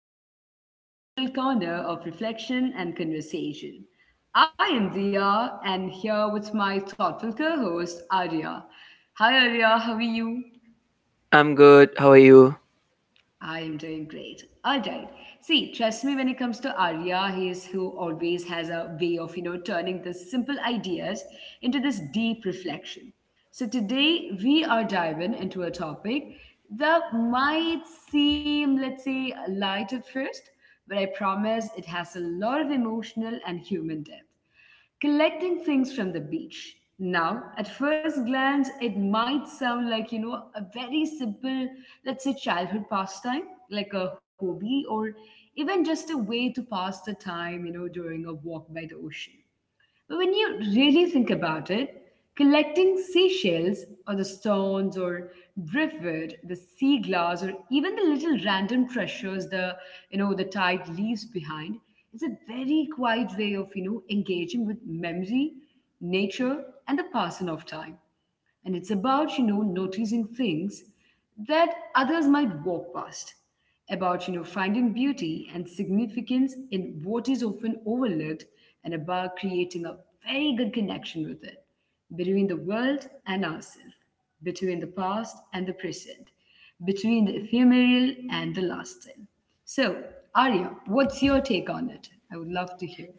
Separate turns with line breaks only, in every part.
welcome back to our cozy little corner of reflection and conversation. I am Dia, and here with my thoughtful co host, Arya. Hi, Arya, how are you?
I'm good. How are you?
I am doing great. All right. See, trust me when it comes to Arya, he is who always has a way of, you know, turning the simple ideas into this deep reflection. So today we are diving into a topic that might seem, let's say, light at first, but I promise it has a lot of emotional and human depth collecting things from the beach. Now, at first glance, it might sound like, you know, a very simple, let's say, childhood pastime, like a hobby or even just a way to pass the time, you know, during a walk by the ocean. But when you really think about it, collecting seashells or the stones or driftwood, the sea glass, or even the little random treasures the you know the tide leaves behind, is a very quiet way of you know engaging with memory, nature, and the passing of time, and it's about you know noticing things that others might walk past, about you know finding beauty and significance in what is often overlooked, and about creating a very good connection with it, between the world and ourselves, between the past and the present, between the ephemeral and the lasting. So, Arya, what's your take on it? I would love to hear.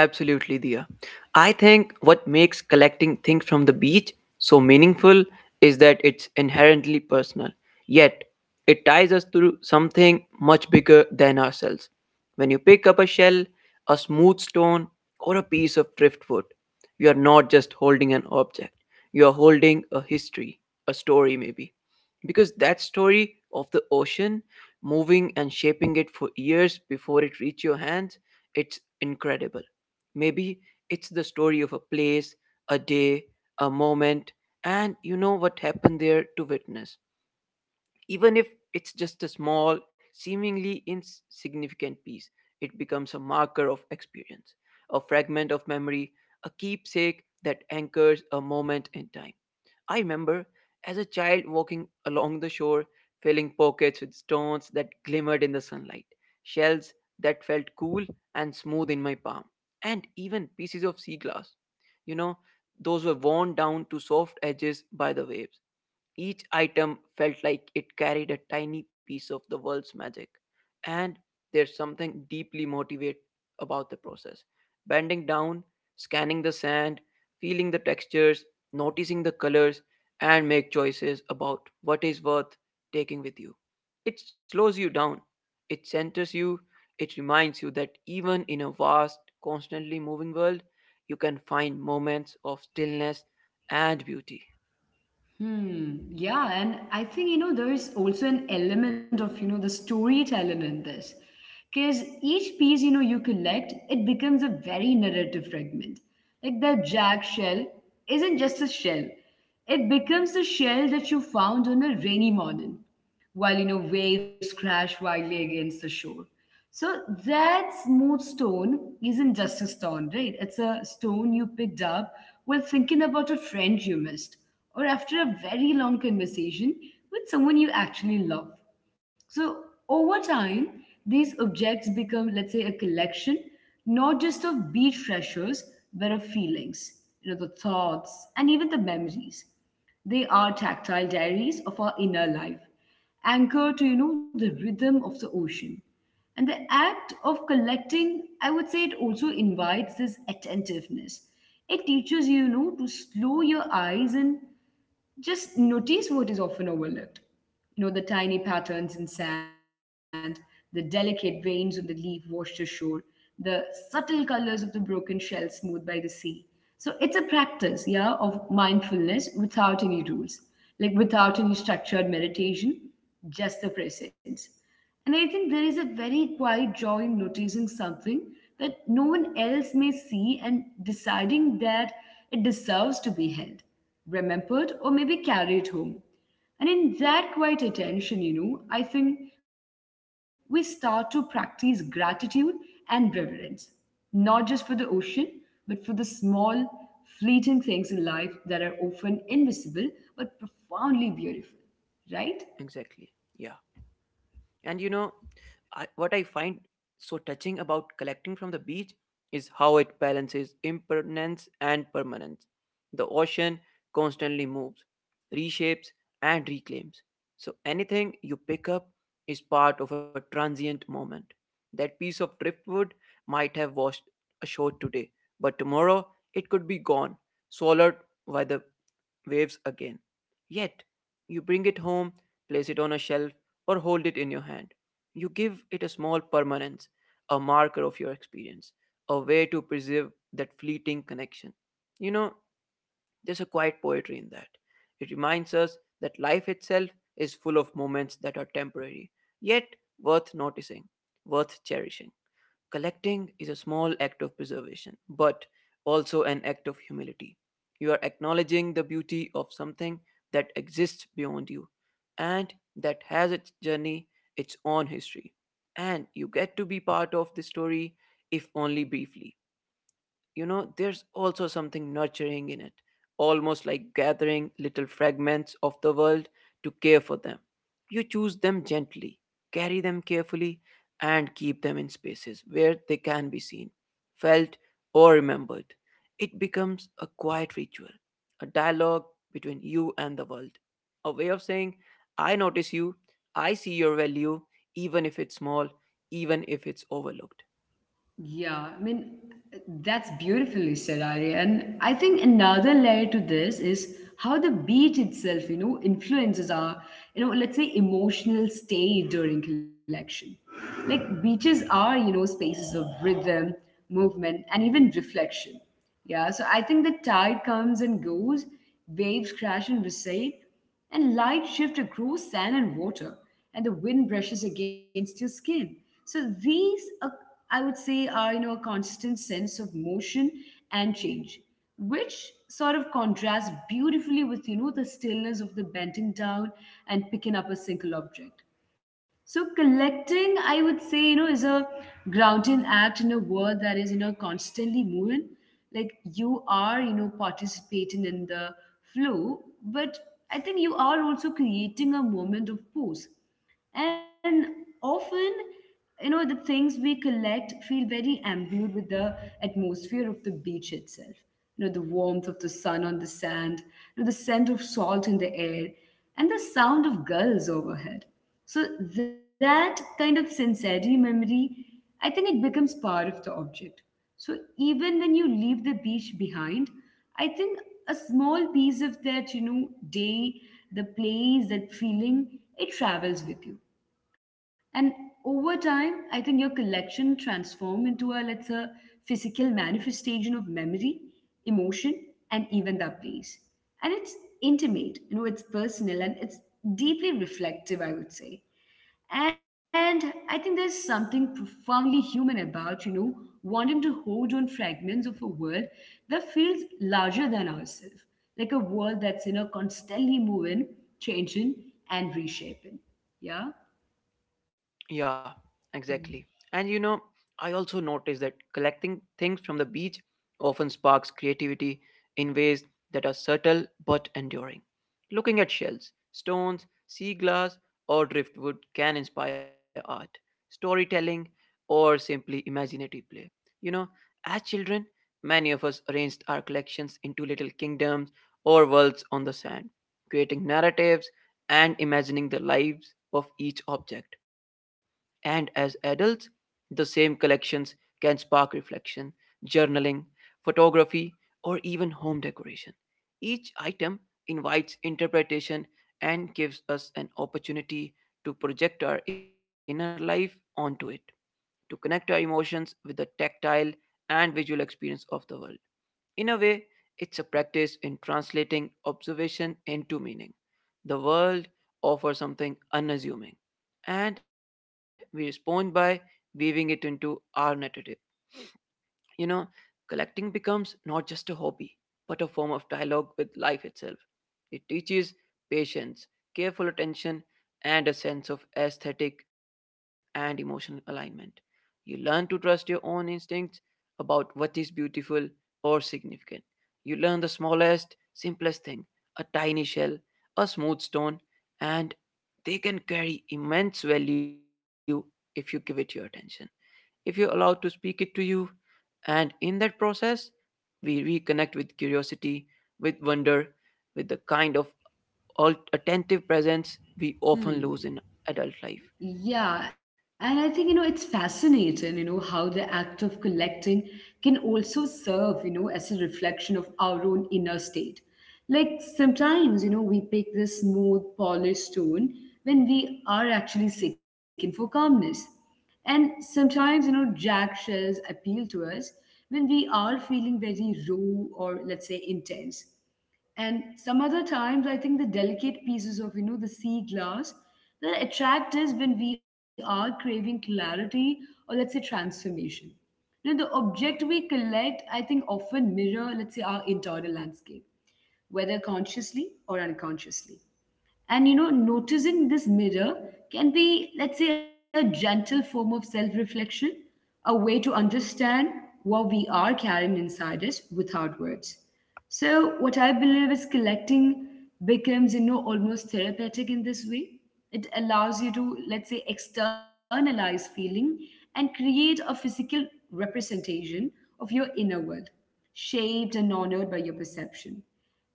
Absolutely, Dia. I think what makes collecting things from the beach so meaningful is that it's inherently personal, yet it ties us to something much bigger than ourselves. When you pick up a shell, a smooth stone, or a piece of driftwood, you are not just holding an object, you are holding a history, a story maybe. Because that story of the ocean, moving and shaping it for years before it reached your hands, it's incredible. Maybe it's the story of a place, a day, a moment, and you know what happened there to witness. Even if it's just a small, seemingly insignificant piece, it becomes a marker of experience, a fragment of memory, a keepsake that anchors a moment in time. I remember as a child walking along the shore, filling pockets with stones that glimmered in the sunlight, shells that felt cool and smooth in my palm, and even pieces of sea glass. You know, those were worn down to soft edges by the waves. Each item felt like it carried a tiny piece of the world's magic, and there's something deeply motivating about the process. Bending down, scanning the sand, feeling the textures, noticing the colors, and make choices about what is worth taking with you. It slows you down, it centers you, it reminds you that even in a vast, constantly moving world, you can find moments of stillness and beauty.
Hmm. Yeah, and I think you know there is also an element of you know the storytelling in this, because each piece you know you collect it becomes a very narrative fragment. Like the jack shell isn't just a shell; it becomes the shell that you found on a rainy morning while you know waves crash wildly against the shore. So that smooth stone isn't just a stone, right? It's a stone you picked up while thinking about a friend you missed, or after a very long conversation with someone you actually love. So over time, these objects become, let's say, a collection not just of beach treasures, but of feelings, you know, the thoughts and even the memories. They are tactile diaries of our inner life, anchor to you know the rhythm of the ocean. And the act of collecting, I would say it also invites this attentiveness. It teaches you, you know, to slow your eyes and just notice what is often overlooked, you know, the tiny patterns in sand, the delicate veins on the leaf washed ashore, the subtle colors of the broken shell smoothed by the sea. So it's a practice, yeah, of mindfulness without any rules, like without any structured meditation, just the presence. And I think there is a very quiet joy in noticing something that no one else may see and deciding that it deserves to be held, remembered, or maybe carried home. And in that quiet attention, you know, I think we start to practice gratitude and reverence, not just for the ocean, but for the small, fleeting things in life that are often invisible but profoundly beautiful, right?
Exactly. Yeah. And you know, what I find so touching about collecting from the beach is how it balances impermanence and permanence. The ocean constantly moves, reshapes, and reclaims. So anything you pick up is part of a transient moment. That piece of driftwood might have washed ashore today, but tomorrow it could be gone, swallowed by the waves again. Yet, you bring it home, place it on a shelf, or hold it in your hand. You give it a small permanence, a marker of your experience, a way to preserve that fleeting connection. You know, there's a quiet poetry in that. It reminds us that life itself is full of moments that are temporary, yet worth noticing, worth cherishing. Collecting is a small act of preservation, but also an act of humility. You are acknowledging the beauty of something that exists beyond you and that has its journey, its own history. And you get to be part of the story, if only briefly. You know, there's also something nurturing in it, almost like gathering little fragments of the world to care for them. You choose them gently, carry them carefully, and keep them in spaces where they can be seen, felt, or remembered. It becomes a quiet ritual, a dialogue between you and the world, a way of saying, I notice you, I see your value, even if it's small, even if it's overlooked.
Yeah, I mean, that's beautifully said, Arya. And I think another layer to this is how the beach itself, you know, influences our, you know, let's say emotional state during collection. Like beaches are, you know, spaces of rhythm, movement, and even reflection. Yeah, so I think the tide comes and goes, waves crash and recede, and light shift across sand and water, and the wind brushes against your skin. So these, I would say, are you know a constant sense of motion and change, which sort of contrasts beautifully with you know the stillness of the bending down and picking up a single object. So collecting, I would say, you know, is a grounding act in a world that is, you know, constantly moving. Like you are, you know, participating in the flow, but I think you are also creating a moment of pause. And often you know the things we collect feel very imbued with the atmosphere of the beach itself, you know, the warmth of the sun on the sand, you know, the scent of salt in the air, and the sound of gulls overhead. So that kind of sensory memory, I think it becomes part of the object. So even when you leave the beach behind, I think a small piece of that, you know, day, the place, that feeling, it travels with you. And over time, I think your collection transform into a, let's say, physical manifestation of memory, emotion, and even that place. And it's intimate, you know, it's personal and it's deeply reflective, I would say. And I think there's something profoundly human about, you know, wanting to hold on fragments of a world that feels larger than ourselves, like a world that's, you know, constantly moving, changing, and reshaping. Yeah?
Yeah,
Hmm.
exactly. And you know, I also noticed that collecting things from the beach often sparks creativity in ways that are subtle but enduring. Looking at shells, stones, sea glass, or driftwood can inspire art, storytelling, or simply imaginative play. You know, as children, many of us arranged our collections into little kingdoms or worlds on the sand, creating narratives and imagining the lives of each object, and as adults, the same collections can spark reflection, journaling, photography, or even home decoration. Each item invites interpretation and gives us an opportunity to project our inner life onto it, to connect our emotions with the tactile and visual experience of the world. In a way, it's a practice in translating observation into meaning. The world offers something unassuming, and we respond by weaving it into our narrative. You know, collecting becomes not just a hobby, but a form of dialogue with life itself. It teaches patience, careful attention, and a sense of aesthetic and emotional alignment. You learn to trust your own instincts about what is beautiful or significant. You learn the smallest, simplest thing, a tiny shell, a smooth stone, and they can carry immense value if you give it your attention, if you're allowed to speak it to you. And in that process, we reconnect with curiosity, with wonder, with the kind of attentive presence we often lose in
Hmm.
adult life.
Yeah, and I think, you know, it's fascinating, you know, how the act of collecting can also serve, you know, as a reflection of our own inner state. Like sometimes, you know, we pick this smooth, polished stone when we are actually seeking for calmness. And sometimes, you know, jack shells appeal to us when we are feeling very raw or, let's say, intense. And some other times, I think the delicate pieces of, you know, the sea glass that attract us when we are craving clarity or, let's say, transformation. Now, the object we collect, I think, often mirror, let's say, our internal landscape, whether consciously or unconsciously. And you know, noticing this mirror can be, let's say, a gentle form of self reflection, a way to understand what we are carrying inside us without words. So, what I believe is collecting becomes, you know, almost therapeutic in this way. It allows you to, let's say, externalize feeling and create a physical representation of your inner world, shaped and honored by your perception.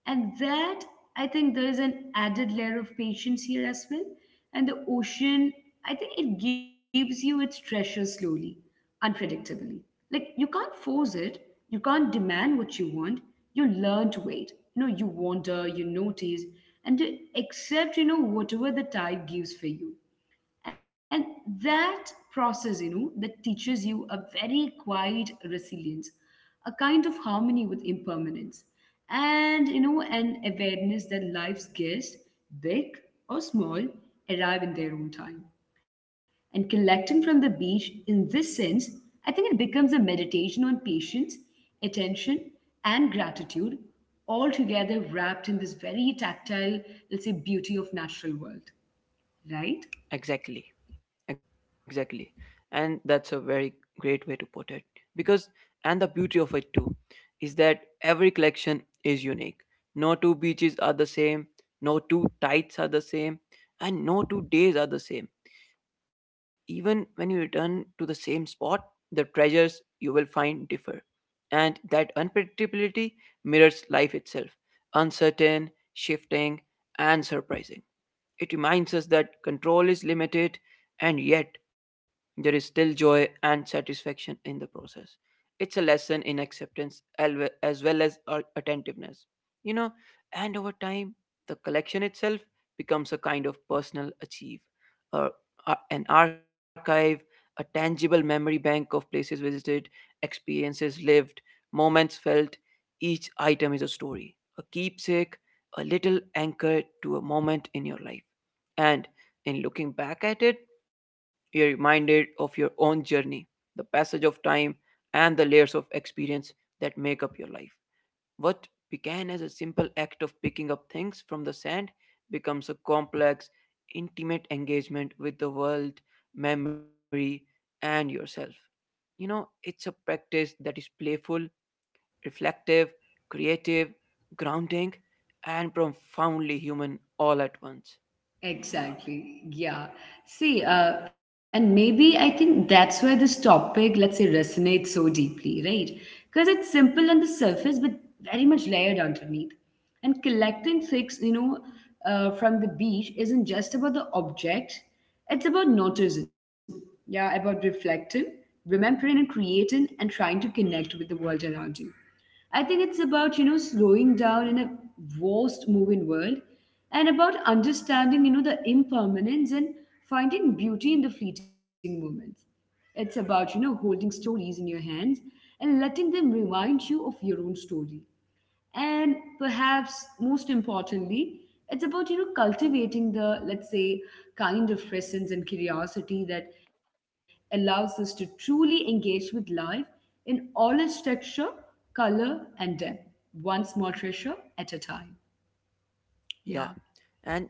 And that, I think there is an added layer of patience here as well. And the ocean, I think it gives you its treasure slowly, unpredictably. Like you can't force it, you can't demand what you want. You learn to wait. You know, you wander, you notice, and to accept, you know, whatever the tide gives for you. And that process, you know, that teaches you a very quiet resilience, a kind of harmony with impermanence, and, you know, an awareness that life's guests, big or small, arrive in their own time. And collecting from the beach, in this sense, I think it becomes a meditation on patience, attention, and gratitude, all together wrapped in this very tactile, let's say, beauty of natural world, right?
Exactly, exactly. And that's a very great way to put it. Because, and the beauty of it too, is that every collection is unique. No two beaches are the same, no two tides are the same, and no 2 days are the same. Even when you return to the same spot, the treasures you will find differ. And that unpredictability mirrors life itself, uncertain, shifting, and surprising. It reminds us that control is limited, and yet there is still joy and satisfaction in the process. It's a lesson in acceptance as well as attentiveness. You know, and over time, the collection itself becomes a kind of personal achieve, a, an archive, a tangible memory bank of places visited, experiences lived, moments felt. Each item is a story, a keepsake, a little anchor to a moment in your life. And in looking back at it, you're reminded of your own journey, the passage of time, and the layers of experience that make up your life. What began as a simple act of picking up things from the sand becomes a complex, intimate engagement with the world, memory, and yourself. You know, it's a practice that is playful, reflective, creative, grounding, and profoundly human all at once. Yeah,
Exactly. Yeah. See, and maybe I think that's why this topic, let's say, resonates so deeply, right? Because it's simple on the surface, but very much layered underneath. And collecting things, you know, from the beach isn't just about the object, it's about noticing, yeah, about reflecting, remembering, and creating, and trying to connect with the world around you. I think it's about, you know, slowing down in a vast moving world and about understanding, you know, the impermanence and finding beauty in the fleeting moments. It's about, you know, holding stories in your hands and letting them remind you of your own story, and perhaps most importantly it's about you know cultivating the, let's say, kind of presence and curiosity that allows us to truly engage with life in all its texture, color, and depth, one small treasure at a time.
yeah.
Yeah.
And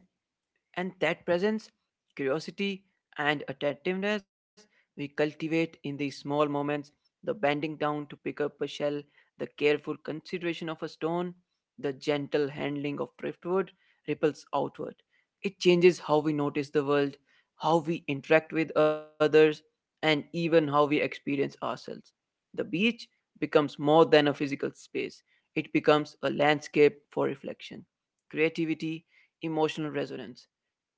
And that presence, curiosity, and attentiveness we cultivate in these small moments, the bending down to pick up a shell, the careful consideration of a stone, the gentle handling of driftwood, ripples outward. It changes how we notice the world, how we interact with others, and even how we experience ourselves. The beach becomes more than a physical space, it becomes a landscape for reflection, creativity, emotional resonance,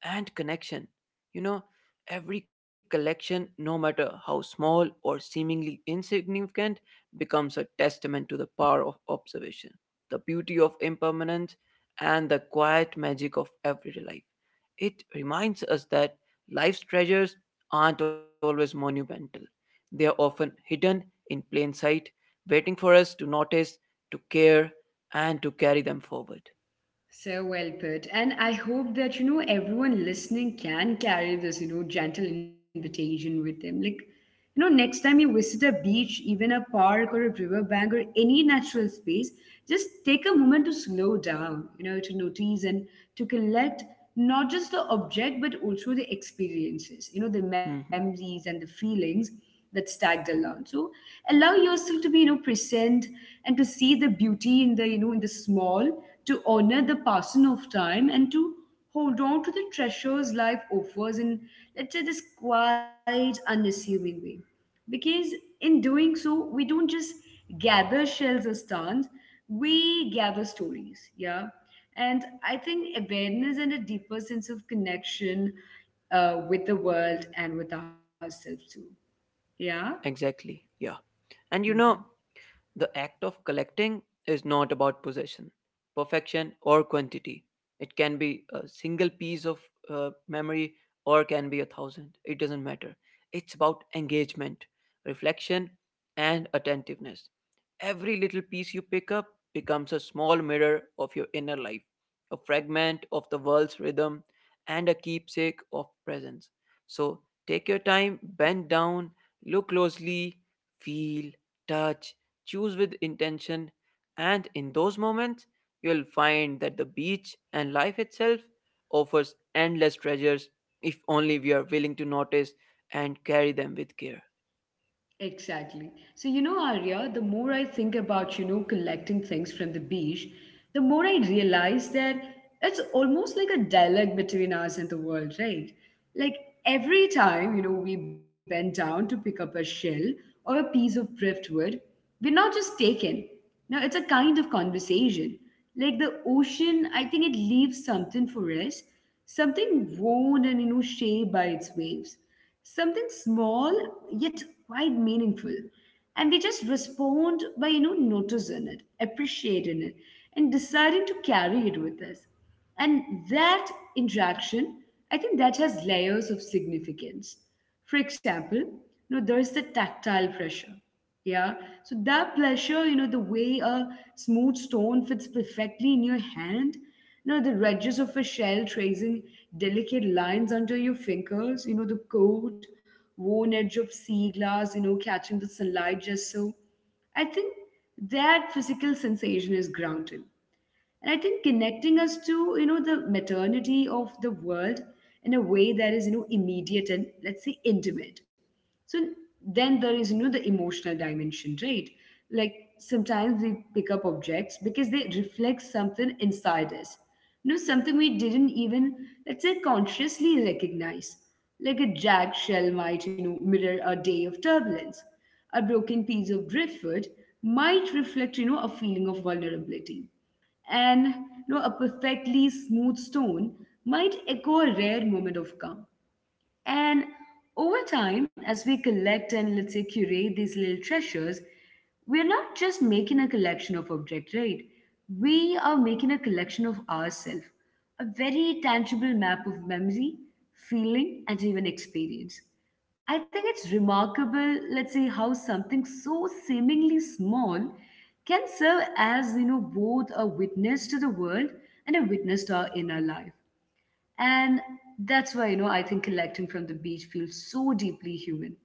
and connection. You know, every collection, no matter how small or seemingly insignificant, becomes a testament to the power of observation, the beauty of impermanence, and the quiet magic of everyday life. It reminds us that life's treasures aren't always monumental, they are often hidden in plain sight, waiting for us to notice, to care, and to carry them forward.
So well put. And I hope that, you know, everyone listening can carry this, you know, gentle invitation with them. Like, you know, next time you visit a beach, even a park or a riverbank or any natural space, just take a moment to slow down, you know, to notice and to collect not just the object, but also the experiences, you know, the
Mhm.
memories and the feelings that's tagged along. So allow yourself to be, you know, present and to see the beauty in the, you know, in the small, to honor the passing of time and to hold on to the treasures life offers in, let's say, this quiet, unassuming way. Because in doing so, we don't just gather shells or stones, we gather stories, yeah. And I think awareness and a deeper sense of connection with the world and with ourselves too. Yeah.
Exactly, yeah. And you
Mhm.
know, the act of collecting is not about possession, perfection, or quantity. It can be a single piece of memory, or can be a thousand. It doesn't matter. It's about engagement, reflection, and attentiveness. Every little piece you pick up becomes a small mirror of your inner life, a fragment of the world's rhythm, and a keepsake of presence. So take your time, bend down, look closely, feel, touch, choose with intention, and in those moments, you'll find that the beach and life itself offers endless treasures if only we are willing to notice and carry them with care.
Exactly. So, you know, Arya, the more I think about, you know, collecting things from the beach, the more I realize that it's almost like a dialogue between us and the world, right? Like every time, you know, we bend down to pick up a shell or a piece of driftwood, we're not just taken. Now, it's a kind of conversation. Like the ocean, I think it leaves something for us, something worn and, you know, shaped by its waves. Something small yet quite meaningful, and we just respond by noticing it, appreciating it, and deciding to carry it with us. And that interaction, I think, that has layers of significance. For example, there's the tactile pressure. Yeah. So that pressure, the way a smooth stone fits perfectly in your hand, the edges of a shell tracing delicate lines under your fingers, the cold, worn edge of sea glass, catching the sunlight just so. I think that physical sensation is grounded, and I think connecting us to the maternity of the world in a way that is immediate and, let's say, intimate. So then there is the emotional dimension, right? Like sometimes we pick up objects because they reflect something inside us, something we didn't even, let's say, consciously recognize. Like a jagged shell might mirror a day of turbulence, a broken piece of driftwood might reflect a feeling of vulnerability, and a perfectly smooth stone might echo a rare moment of calm. And over time, as we collect and, let's say, curate these little treasures, we're not just making a collection of objects, right? We are making a collection of ourselves, a very tangible map of memory, feeling, and even experience. I think it's remarkable, let's say, how something so seemingly small can serve as, both a witness to the world and a witness to our inner life. And that's why, I think collecting from the beach feels so deeply human.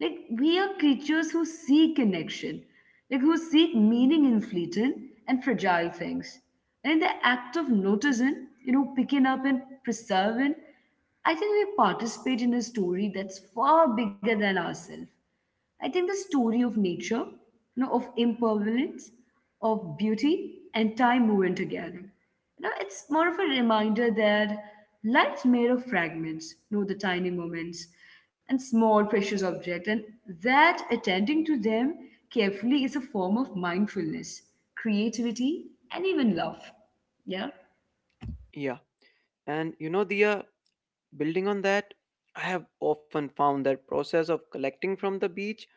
Like, we are creatures who seek connection, like, who seek meaning in fleeting and fragile things. And in the act of noticing, picking up and preserving, I think we participate in a story that's far bigger than ourselves. I think the story of nature, of impermanence, of beauty and time woven together. It's more of a reminder that life's made of fragments, the tiny moments and small precious objects, and that attending to them carefully is a form of mindfulness, creativity, and even love. Yeah.
Yeah. And you know, Dia, building on that, I have often found that process of collecting from the beach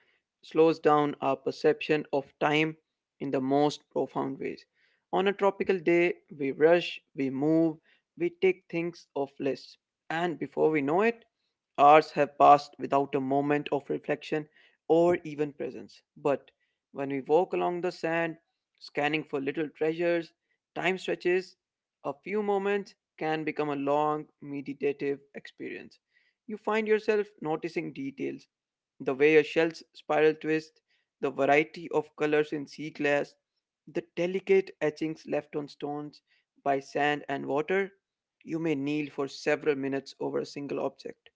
slows down our perception of time in the most profound ways. On a tropical day, we rush, we move, we take things off lists, and before we know it, hours have passed without a moment of reflection or even presence. But when we walk along the sand, scanning for little treasures, time stretches, a few moments can become a long meditative experience. You find yourself noticing details, the way a shell's spiral twists, the variety of colors in sea glass, the delicate etchings left on stones by sand and water. You may kneel for several minutes over a single object,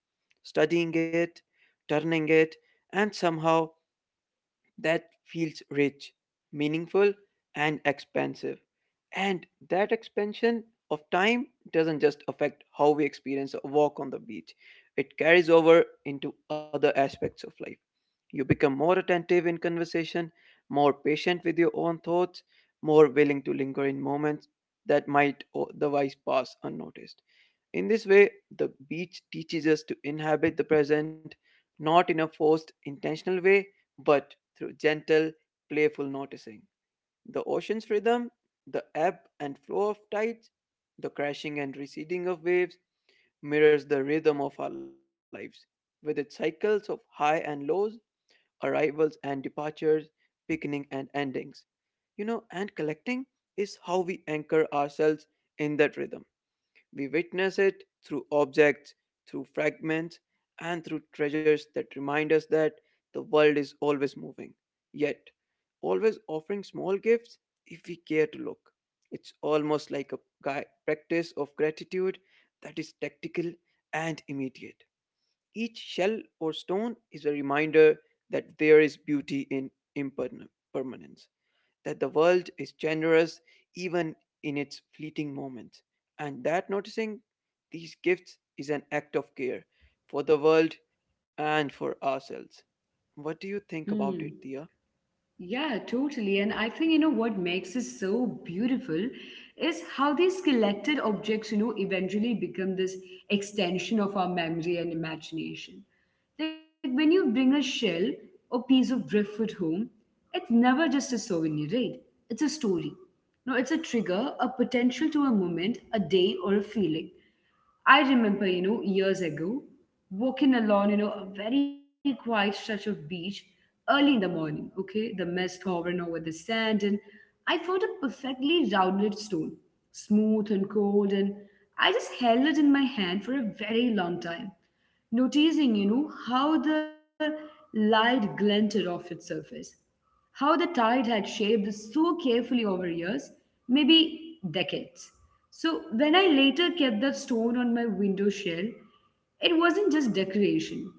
studying it, turning it, and somehow that feels rich, meaningful, and expansive. And that expansion of time doesn't just affect how we experience a walk on the beach, it carries over into other aspects of life. You become more attentive in conversation, more patient with your own thoughts, more willing to linger in moments that might otherwise pass unnoticed. In this way, the beach teaches us to inhabit the present, not in a forced, intentional way, but through gentle, playful noticing. The ocean's rhythm, the ebb and flow of tides, the crashing and receding of waves mirrors the rhythm of our lives, with its cycles of high and lows, arrivals and departures, beginning and endings. You know, and collecting is how we anchor ourselves in that rhythm, we witness it through objects, through fragments, and through treasures that remind us that the world is always moving, yet always offering small gifts if we care to look. It's almost like a practice of gratitude that is tactical and immediate. Each shell or stone is a reminder that there is beauty in impermanence, that the world is generous even in its fleeting moments, and that noticing these gifts is an act of care for the world and for ourselves. What do you think
Hmm.
about it, Thea?
Yeah, totally. And I think, what makes it so beautiful is how these collected objects, eventually become this extension of our memory and imagination. Like when you bring a shell or piece of driftwood home, it's never just a souvenir, right? It's a story. No, it's a trigger, a potential to a moment, a day, or a feeling. I remember, years ago, walking along, a very quiet stretch of beach early in the morning, okay? The mist hovering over the sand, and I found a perfectly rounded stone, smooth and cold, and I just held it in my hand for a very long time, noticing, how the light glinted off its surface. How the tide had shaped this so carefully over years, maybe decades. So when I later kept that stone on my window sill, it wasn't just decoration.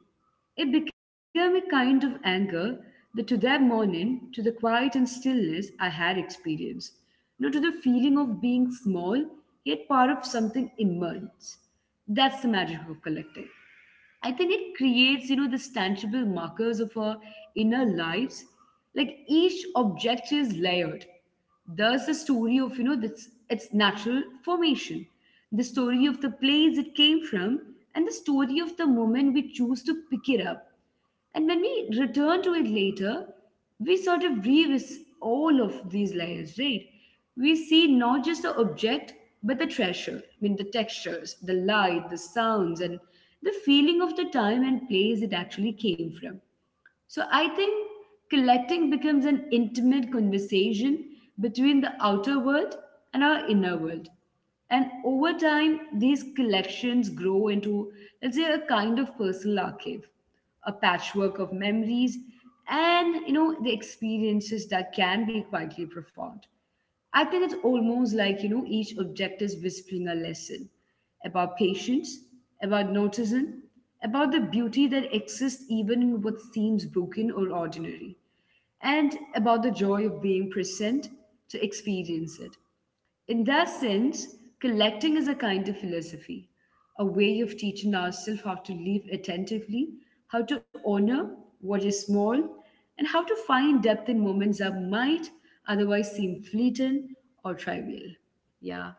It became a kind of anchor that to that morning, to the quiet and stillness I had experienced, to the feeling of being small, yet part of something immense. That's the magic of collecting. I think it creates, these tangible markers of our inner lives. Like each object is layered. There's the story of, this, its natural formation, the story of the place it came from, and the story of the moment we choose to pick it up. And when we return to it later, we sort of revisit all of these layers, right? We see not just the object, but the treasure. I mean, the textures, the light, the sounds, and the feeling of the time and place it actually came from. So I think collecting becomes an intimate conversation between the outer world and our inner world. And over time, these collections grow into, let's say, a kind of personal archive, a patchwork of memories, and the experiences that can be quietly profound. I think it's almost like each object is whispering a lesson, about patience, about notism, about the beauty that exists even in what seems broken or ordinary, and about the joy of being present to experience it. In that sense, collecting is a kind of philosophy, a way of teaching ourselves how to live attentively, how to honor what is small, and how to find depth in moments that might otherwise seem fleeting or trivial. Yeah,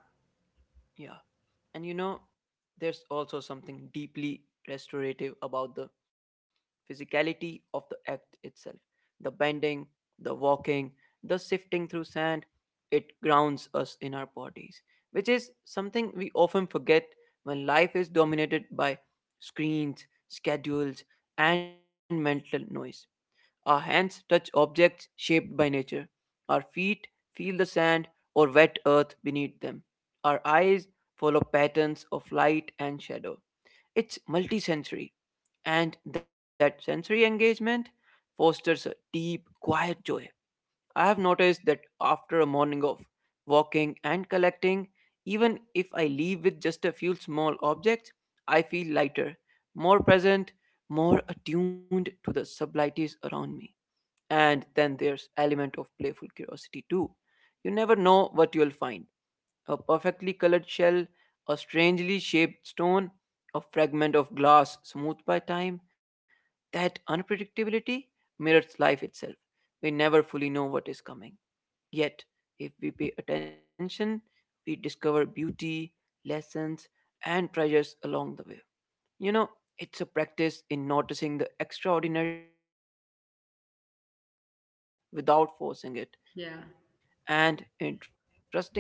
Yeah. And there's also something deeply restorative about the physicality of the act itself. The bending, the walking, the sifting through sand, it grounds us in our bodies, which is something we often forget when life is dominated by screens, schedules, and mental noise. Our hands touch objects shaped by nature. Our feet feel the sand or wet earth beneath them. Our eyes follow patterns of light and shadow. It's multisensory, and that sensory engagement fosters a deep, quiet joy. I have noticed that after a morning of walking and collecting, even if I leave with just a few small objects, I feel lighter, more present, more attuned to the subtleties around me. And then there's element of playful curiosity too. You never know what you'll find: a perfectly colored shell, a strangely shaped stone, a fragment of glass smoothed by time. That unpredictability mirrors life itself. We never fully know what is coming, yet if we pay attention, we discover beauty, lessons, and treasures along the way. you know, it's a practice in noticing the extraordinary within the ordinary, in finding value without forcing it,
yeah.
and in trusting that life,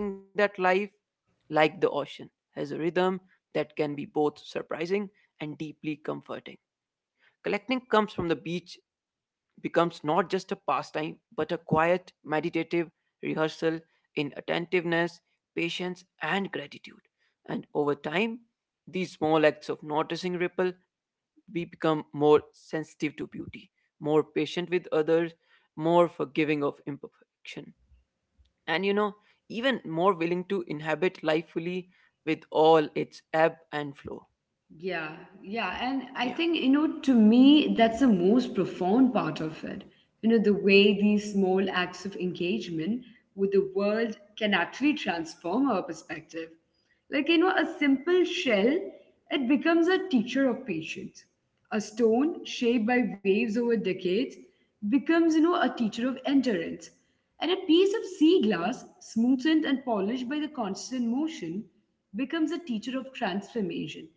like the ocean, has a rhythm that can be both surprising and deeply comforting. Collecting comes from the beach becomes not just a pastime but a quiet, meditative rehearsal in attentiveness, patience, and gratitude. And over time, these small acts of noticing ripple. We become more sensitive to beauty, more patient with others, more forgiving of imperfection, and even more willing to inhabit life fully with all its ebb and flow.
Yeah, yeah. And I
Yeah.
think, to me, that's the most profound part of it. The way these small acts of engagement with the world can actually transform our perspective. Like, a simple shell, it becomes a teacher of patience. A stone shaped by waves over decades becomes, a teacher of endurance. And a piece of sea glass, smoothened and polished by the constant motion, becomes a teacher of transformation.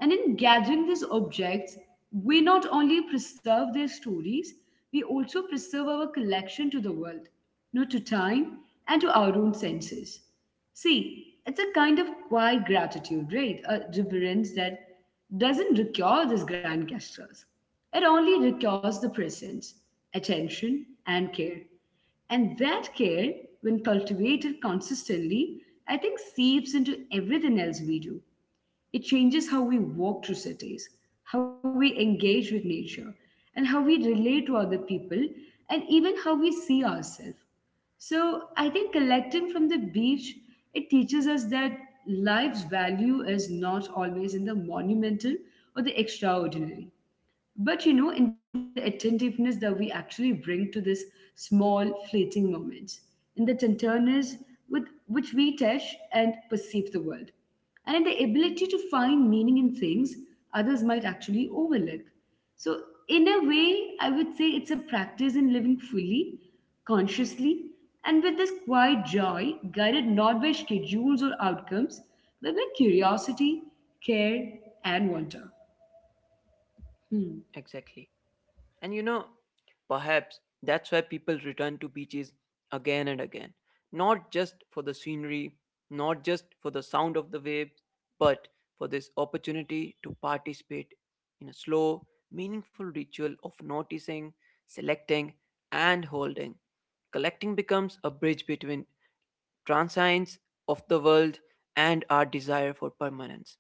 And in gathering these objects, we not only preserve their stories, we also preserve our connection to the world, not to time and to our own senses. See, it's a kind of quiet gratitude, right? A reverence that doesn't recur these grand gestures. It only recurs the presence, attention, and care. And that care, when cultivated consistently, I think seeps into everything else we do. It changes how we walk through cities, how we engage with nature, and how we relate to other people, and even how we see ourselves. So I think collecting from the beach, it teaches us that life's value is not always in the monumental or the extraordinary. But in the attentiveness that we actually bring to this small, fleeting moments, in the tenderness with which we touch and perceive the world, and in the ability to find meaning in things others might actually overlook. So, in a way, I would say it's a practice in living fully, consciously, and with this quiet joy, guided not by schedules or outcomes, but by curiosity, care, and wonder. Hmm.
Exactly. And perhaps that's why people return to beaches again and again. Not just for the scenery, not just for the sound of the waves, but for this opportunity to participate in a slow, meaningful ritual of noticing, selecting, and holding. Collecting becomes a bridge between transience of the world, and our desire for permanence,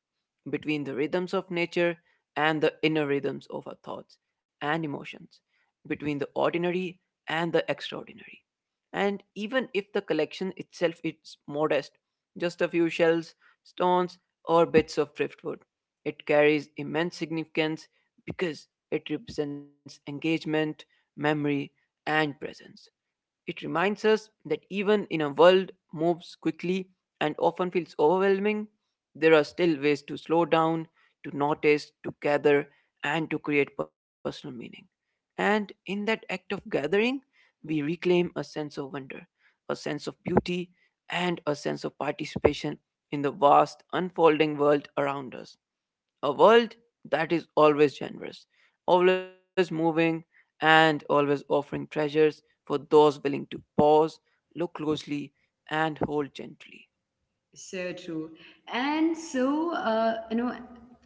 between the rhythms of nature and the inner rhythms of our thoughts and emotions, between the ordinary and the extraordinary. And even if the collection itself is modest, just a few shells, stones, or bits of driftwood, it carries immense significance because it represents engagement, memory, and presence. It reminds us that even in a world moves quickly and often feels overwhelming, there are still ways to slow down, to notice, to gather, and to create personal meaning. And in that act of gathering, we reclaim a sense of wonder, a sense of beauty, and a sense of participation in the vast unfolding world around us. A world that is always generous, always moving, and always offering treasures for those willing to pause, look closely, and hold gently.
So true. And so,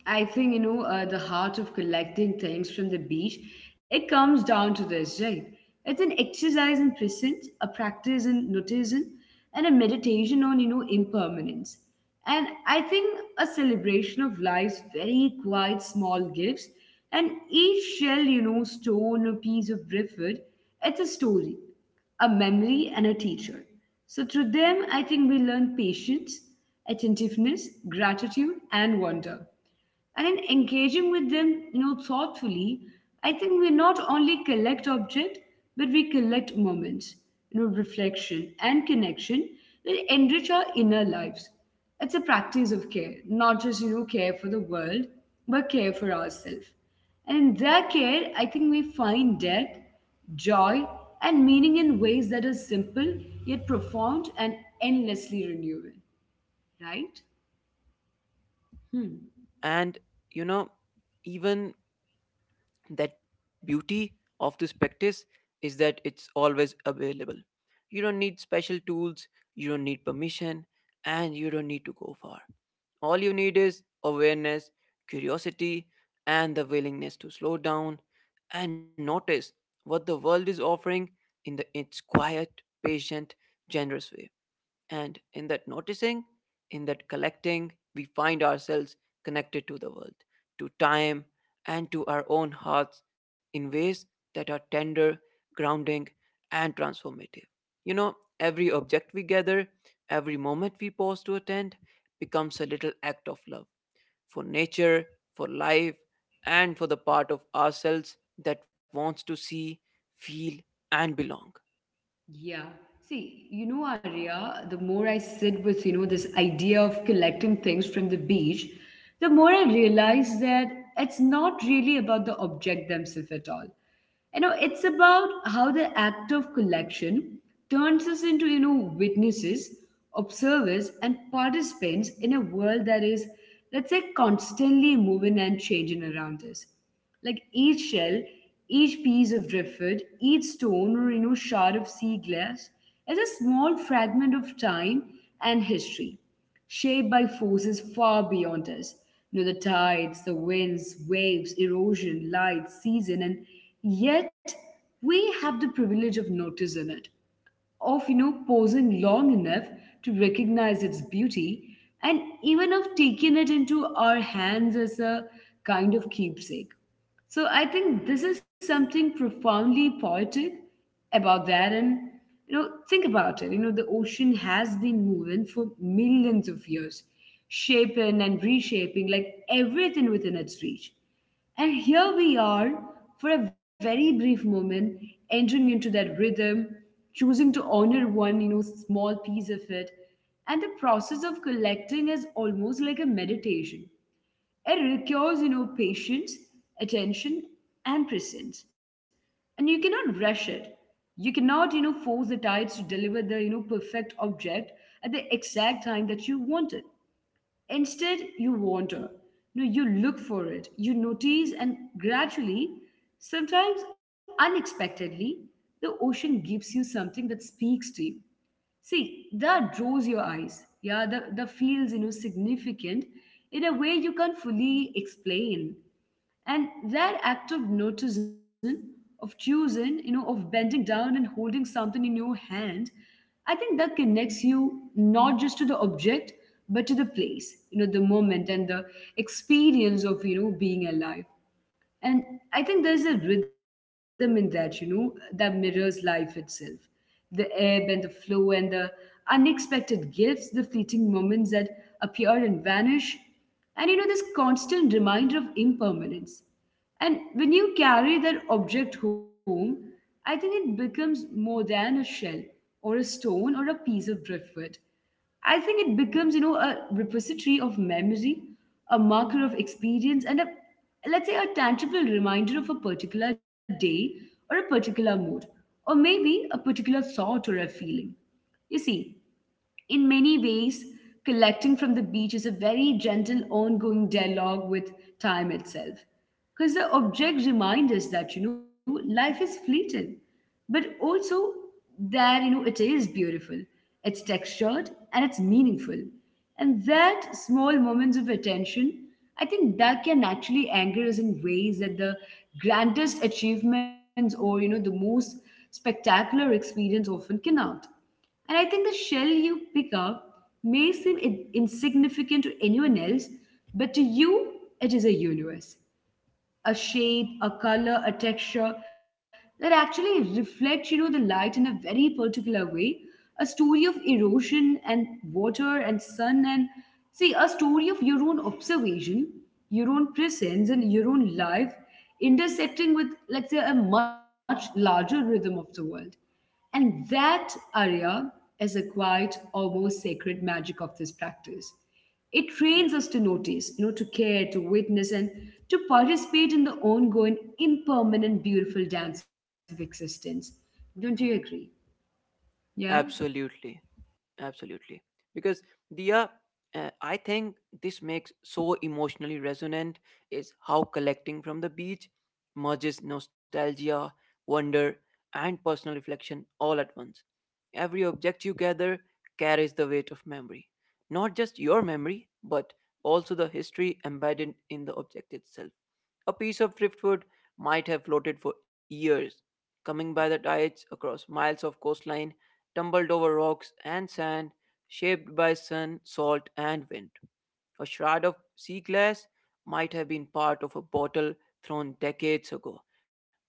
I think, the heart of collecting things from the beach, it comes down to this, right? It's an exercise in presence, a practice in noticing, and a meditation on, impermanence. And I think a celebration of life's very quiet, small gifts. And each shell, stone or piece of driftwood, it's a story, a memory, and a teacher. So through them, I think we learn patience, attentiveness, gratitude, and wonder. And in engaging with them, thoughtfully, I think we not only collect object, but we collect moments, reflection and connection that enrich our inner lives. It's a practice of care, not just care for the world, but care for ourselves. And in their care, I think we find depth, joy, and meaning in ways that are simple yet profound and endlessly renewing, right?
And you know, even that beauty of this practice is that it's always available. You don't need special tools, you don't need permission, and you don't need to go far. All you need is awareness, curiosity, and the willingness to slow down and notice what the world is offering in the, its quiet, patient, generous way. And in that noticing, in that collecting, we find ourselves connected to the world, to time, and to our own hearts in ways that are tender, grounding, and transformative. Every object we gather, every moment we pause to attend, becomes a little act of love for nature, for life, and for the part of ourselves that wants to see, feel, and belong.
Yeah. See, Arya, the more I sit with, this idea of collecting things from the beach, the more I realize that it's not really about the object themselves at all. It's about how the act of collection turns us into, witnesses, observers, and participants in a world that is, let's say, constantly moving and changing around us. Like each shell, each piece of driftwood, each stone or shard of sea glass is a small fragment of time and history, shaped by forces far beyond us. The tides, the winds, waves, erosion, light, season, and yet we have the privilege of noticing it, of pausing long enough to recognize its beauty, and even of taking it into our hands as a kind of keepsake. So I think this is something profoundly poetic about that. And, think about it. The ocean has been moving for millions of years, shaping and reshaping like everything within its reach. And here we are for a very brief moment, entering into that rhythm, choosing to honor one, small piece of it. And the process of collecting is almost like a meditation. It requires, patience, attention, and presence. And you cannot rush it. You cannot, force the tides to deliver the, perfect object at the exact time that you want it. Instead, you wander. No, you look for it. You notice, and gradually, sometimes unexpectedly, the ocean gives you something that speaks to you. See, that draws your eyes. Yeah, the feels, significant in a way you can't fully explain. And that act of noticing, of choosing, of bending down and holding something in your hand, I think that connects you not just to the object, but to the place, the moment and the experience of, being alive. And I think there's a rhythm in that, that mirrors life itself. The ebb and the flow and the unexpected gifts, the fleeting moments that appear and vanish. And, this constant reminder of impermanence. And when you carry that object home, I think it becomes more than a shell or a stone or a piece of driftwood. I think it becomes, a repository of memory, a marker of experience, and a, let's say, a tangible reminder of a particular day or a particular mood, or maybe a particular thought or a feeling. You see, in many ways, collecting from the beach is a very gentle, ongoing dialogue with time itself. Because the objects remind us that, life is fleeting, but also that, it is beautiful, it's textured, and it's meaningful. And that small moments of attention, I think that can actually anger us in ways that the grandest achievements or, the most spectacular experience often cannot. And I think the shell you pick up may seem insignificant to anyone else, but to you, it is a universe. A shape, a color, a texture that actually reflects, the light in a very particular way. A story of erosion and water and sun and see, a story of your own observation, your own presence and your own life intersecting with, let's say, a much larger rhythm of the world, and that area is a quiet, almost sacred magic of this practice. It trains
Yeah.
us to notice, to care, to witness, and to participate in the ongoing, impermanent, beautiful dance of existence. Don't you agree? Yeah?
Absolutely. Absolutely. Because Dia, I think this makes so emotionally resonant is how collecting from the beach merges nostalgia, wonder, and personal reflection all at once. Every object you gather carries the weight of memory. Not just your memory, but also the history embedded in the object itself. A piece of driftwood might have floated for years, coming by the tides across miles of coastline, tumbled over rocks and sand, shaped by sun, salt, and wind. A shard of sea glass might have been part of a bottle thrown decades ago,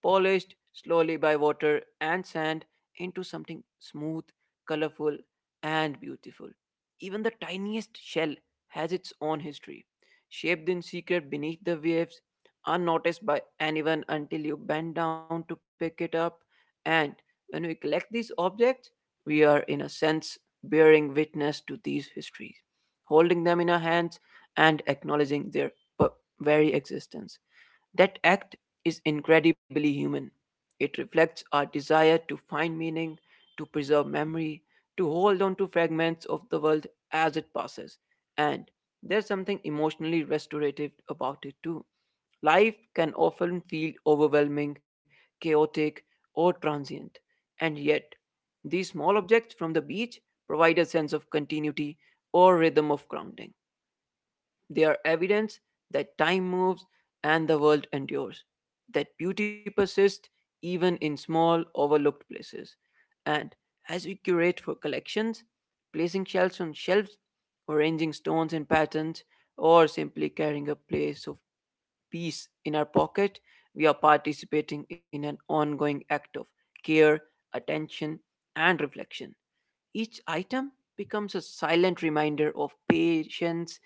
polished slowly by water and sand into something smooth, colorful, and beautiful. Even the tiniest shell has its own history, shaped in secret beneath the waves unnoticed by anyone until you bend down to pick it up. And when we collect these objects, we are, in a sense, bearing witness to these histories, holding them in our hands and acknowledging their p- very existence. That act is incredibly human. It reflects our desire to find meaning, to preserve memory, to hold on to fragments of the world as it passes. And there's something emotionally restorative about it too. Life can often feel overwhelming, chaotic, or transient, and yet, these small objects from the beach provide a sense of continuity or rhythm of grounding. They are evidence that time moves and the world endures, that beauty persists even in small, overlooked places. And as we curate for collections, placing shells on shelves, arranging stones in patterns, or simply carrying a place of peace in our pocket, we are participating in an ongoing act of care, attention, and reflection. Each item becomes a silent reminder of patience,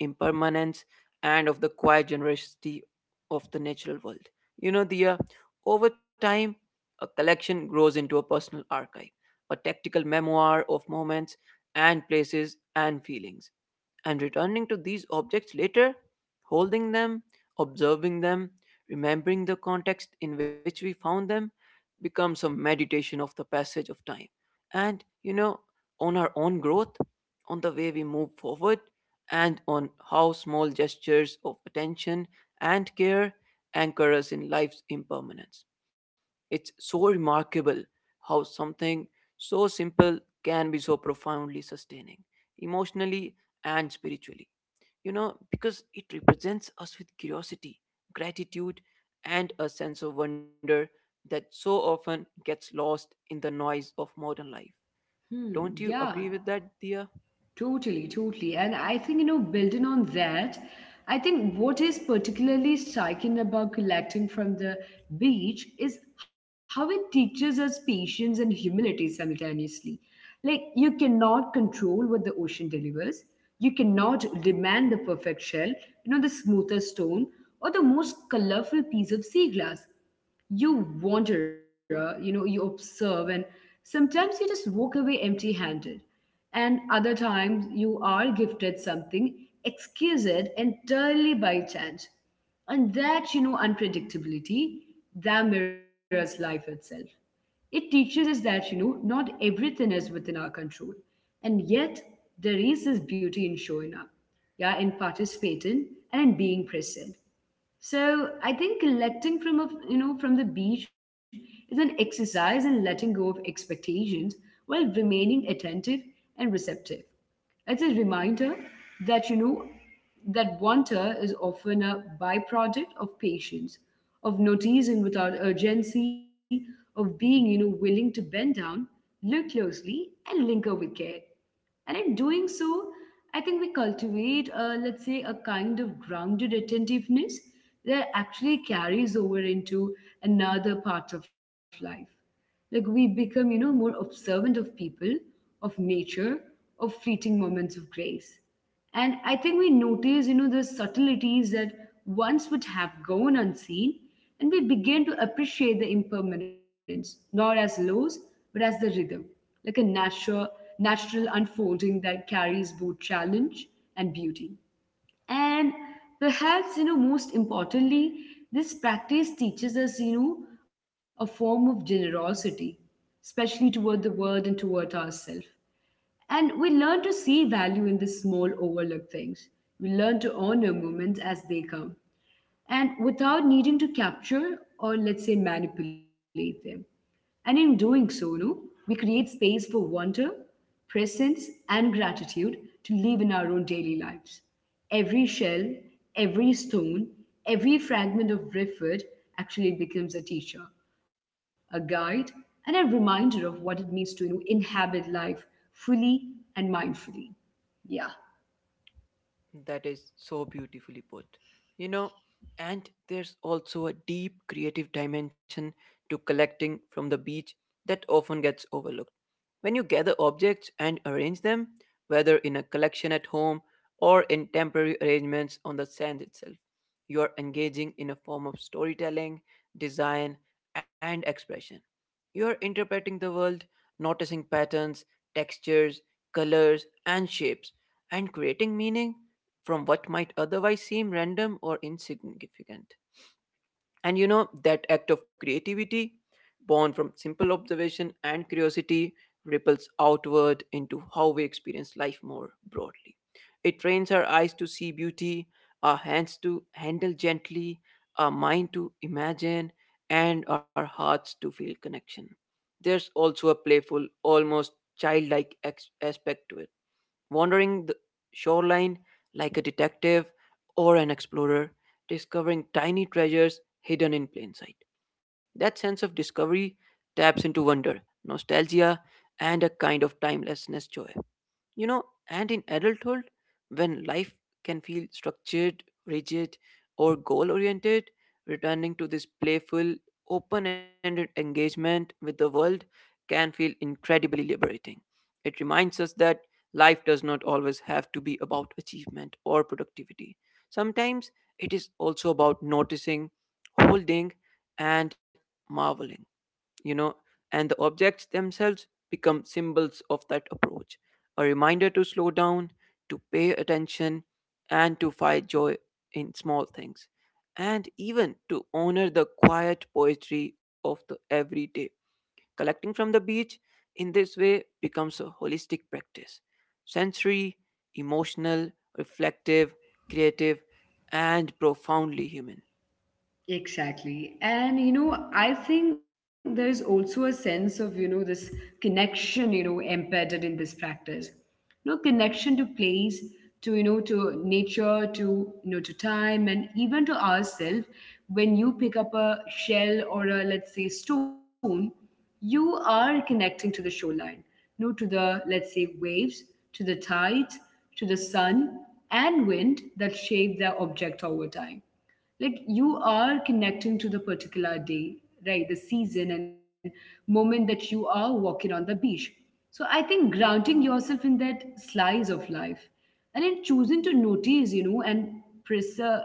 impermanence, and of the quiet generosity of the natural world. You know, the Over time, a collection grows into a personal archive, a tactical memoir of moments and places and feelings. And returning to these objects later, holding them, observing them, remembering the context in which we found them, becomes a meditation of the passage of time and on our own growth, on the way we move forward, and on how small gestures of attention and care anchor us in life's impermanence. It's so remarkable how something so simple can be so profoundly sustaining emotionally and spiritually, because it represents us with curiosity, gratitude, and a sense of wonder that so often gets lost in the noise of modern life.
Hmm,
Don't
yeah.
you agree with that, Dia?
Totally, totally. And I think, building on that, I think what is particularly striking about collecting from the beach is how it teaches us patience and humility simultaneously. Like, you cannot control what the ocean delivers, you cannot demand the perfect shell, the smoothest stone, or the most colorful piece of sea glass. You wander, you observe, and sometimes you just walk away empty handed, and other times you are gifted something excuse it entirely by chance. And that, unpredictability that mirrors life itself. It teaches us that, not everything is within our control, and yet there is this beauty in showing up, yeah, in participating and in being present. So I think collecting from a, from the beach is an exercise in letting go of expectations while remaining attentive and receptive. It's a reminder that, that wonder is often a byproduct of patience, of noticing without urgency, of being, willing to bend down, look closely, and linger with care. And in doing so, I think we cultivate, let's say, a kind of grounded attentiveness that actually carries over into another part of life. Like, we become, more observant of people, of nature, of fleeting moments of grace. And I think we notice, the subtleties that once would have gone unseen, and we begin to appreciate the impermanence not as loss but as the rhythm, like a natural unfolding that carries both challenge and beauty. And perhaps, most importantly, this practice teaches us, a form of generosity, especially toward the world and toward ourselves. And we learn to see value in the small overlooked things. We learn to honor moments as they come and without needing to capture or, let's say, manipulate them. And in doing so, no, we create space for wonder, presence, and gratitude to live in our own daily lives. Every shell, every stone, every fragment of driftwood actually becomes a teacher, a guide, and a reminder of what it means to, inhabit life fully and mindfully. Yeah.
That is so beautifully put. You know, and there's also a deep creative dimension to collecting from the beach that often gets overlooked. When you gather objects and arrange them, whether in a collection at home or in temporary arrangements on the sand itself, you are engaging in a form of storytelling, design, and expression. You are interpreting the world, noticing patterns, textures, colors, and shapes, and creating meaning from what might otherwise seem random or insignificant. And that act of creativity, born from simple observation and curiosity, ripples outward into how we experience life more broadly. It trains our eyes to see beauty, our hands to handle gently, our mind to imagine, and our hearts to feel connection. There's also a playful, almost childlike aspect to it, wandering the shoreline like a detective or an explorer, discovering tiny treasures hidden in plain sight. That sense of discovery taps into wonder, nostalgia, and a kind of timelessness joy. You know, and in adulthood, when life can feel structured, rigid, or goal oriented, returning to this playful, open ended engagement with the world can feel incredibly liberating. It reminds us that life does not always have to be about achievement or productivity. Sometimes it is also about noticing, holding, and marveling. you know, and the objects themselves become symbols of that approach. A reminder to slow down, to pay attention, and to find joy in small things, and even to honor the quiet poetry of the everyday. Collecting from the beach in this way becomes a holistic practice: sensory, emotional, reflective, creative, and profoundly human.
Exactly. And, I think there's also a sense of, this connection, embedded in this practice. You know, connection to place, to, to nature, to, to time, and even to ourselves. When you pick up a shell or a, let's say, stone, you are connecting to the shoreline, to the, let's say, waves, to the tides, to the sun and wind that shape the object over time. Like, you are connecting to the particular day, right? The season and moment that you are walking on the beach. So I think grounding yourself in that slice of life, and in choosing to notice, and preserve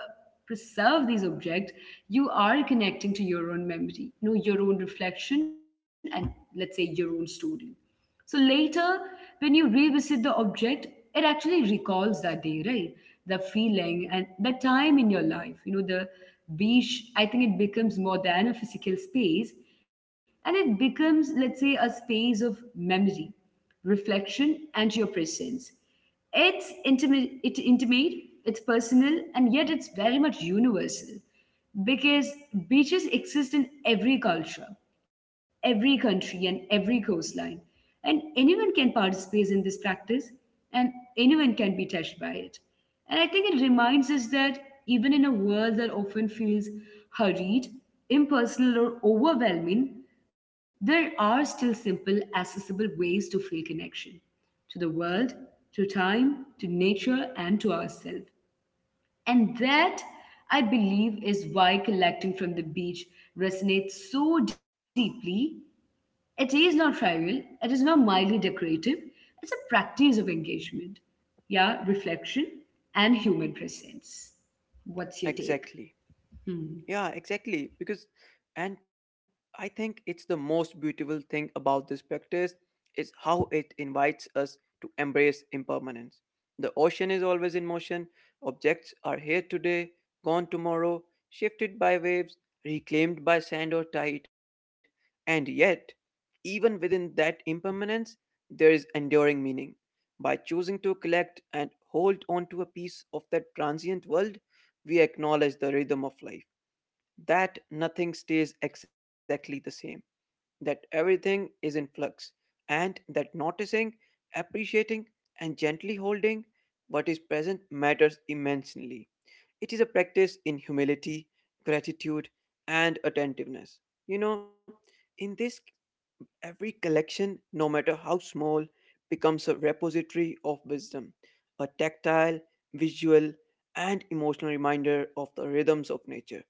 preserve these objects, you are connecting to your own memory, your own reflection, and, let's say, your own story. So later, when you revisit the object, it actually recalls that day, right? The feeling and the time in your life. You know, the beach, I think it becomes more than a physical space, and it becomes, let's say, a space of memory, reflection, and your presence. It's intimate, it's intimate, it's personal, and yet it's very much universal, because beaches exist in every culture, every country, and every coastline. And anyone can participate in this practice, and anyone can be touched by it. And I think it reminds us that even in a world that often feels hurried, impersonal, or overwhelming, there are still simple, accessible ways to feel connection to the world, to time, to nature, and to ourselves. And that, I believe, is why collecting from the beach resonates so deeply. It is not trivial, it is not mildly decorative, it's a practice of engagement, yeah, reflection, and human presence. What's your take?
Exactly.
Hmm.
Yeah, exactly. Because, and I think it's the most beautiful thing about this practice is how it invites us to embrace impermanence. The ocean is always in motion. Objects are here today, gone tomorrow, shifted by waves, reclaimed by sand or tide. And yet, even within that impermanence, there is enduring meaning. By choosing to collect and hold on to a piece of that transient world, we acknowledge the rhythm of life that nothing stays exactly the same, that everything is in flux, and that noticing, appreciating, and gently holding what is present matters immensely. It is a practice in humility, gratitude, and attentiveness. You know, in this Every collection, no matter how small, becomes a repository of wisdom, a tactile, visual, and emotional reminder of the rhythms of nature,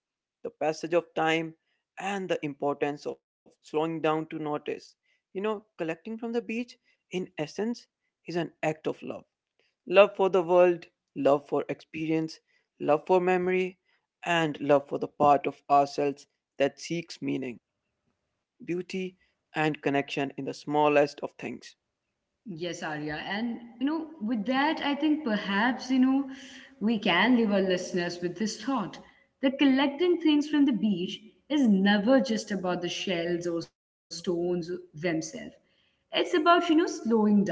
the passage of time, and the importance of slowing down to notice. Collecting from the beach, in essence, is an act of love: love for the world, love for experience, love for memory, and love for the part of ourselves that seeks meaning, beauty, and connection in the smallest of things.
Yes, Arya. And, with that, I think perhaps, we can leave our listeners with this thought that collecting things from the beach is never just about the shells or stones themselves. It's about, slowing down,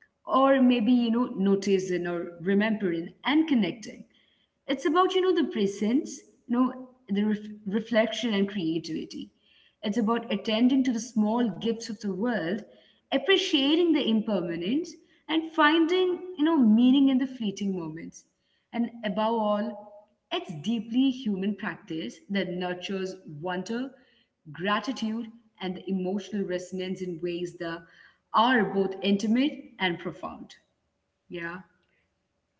or maybe, noticing or remembering and connecting. It's about, the presence, you know the reflection and creativity. It's about attending to the small gifts of the world, appreciating the impermanence, and finding, meaning in the fleeting moments. And above all, it's deeply human practice that nurtures wonder, gratitude, and the emotional resonance in ways that are both intimate and profound. Yeah.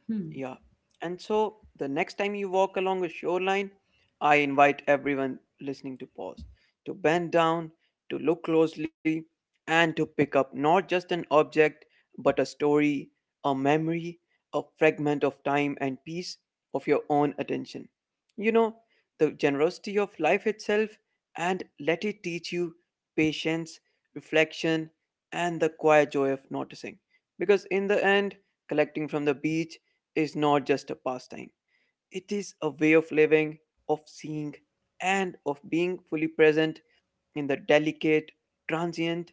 Hmm.
Yeah. And so the next time you walk along a shoreline, I invite everyone listening to pause, to bend down, to look closely, and to pick up not just an object, but a story, a memory, a fragment of time and piece of your own attention. You know, the generosity of life itself, and let it teach you patience, reflection, and the quiet joy of noticing. Because in the end, collecting from the beach is not just a pastime, it is a way of living, of seeing, and of being fully present in the delicate, transient,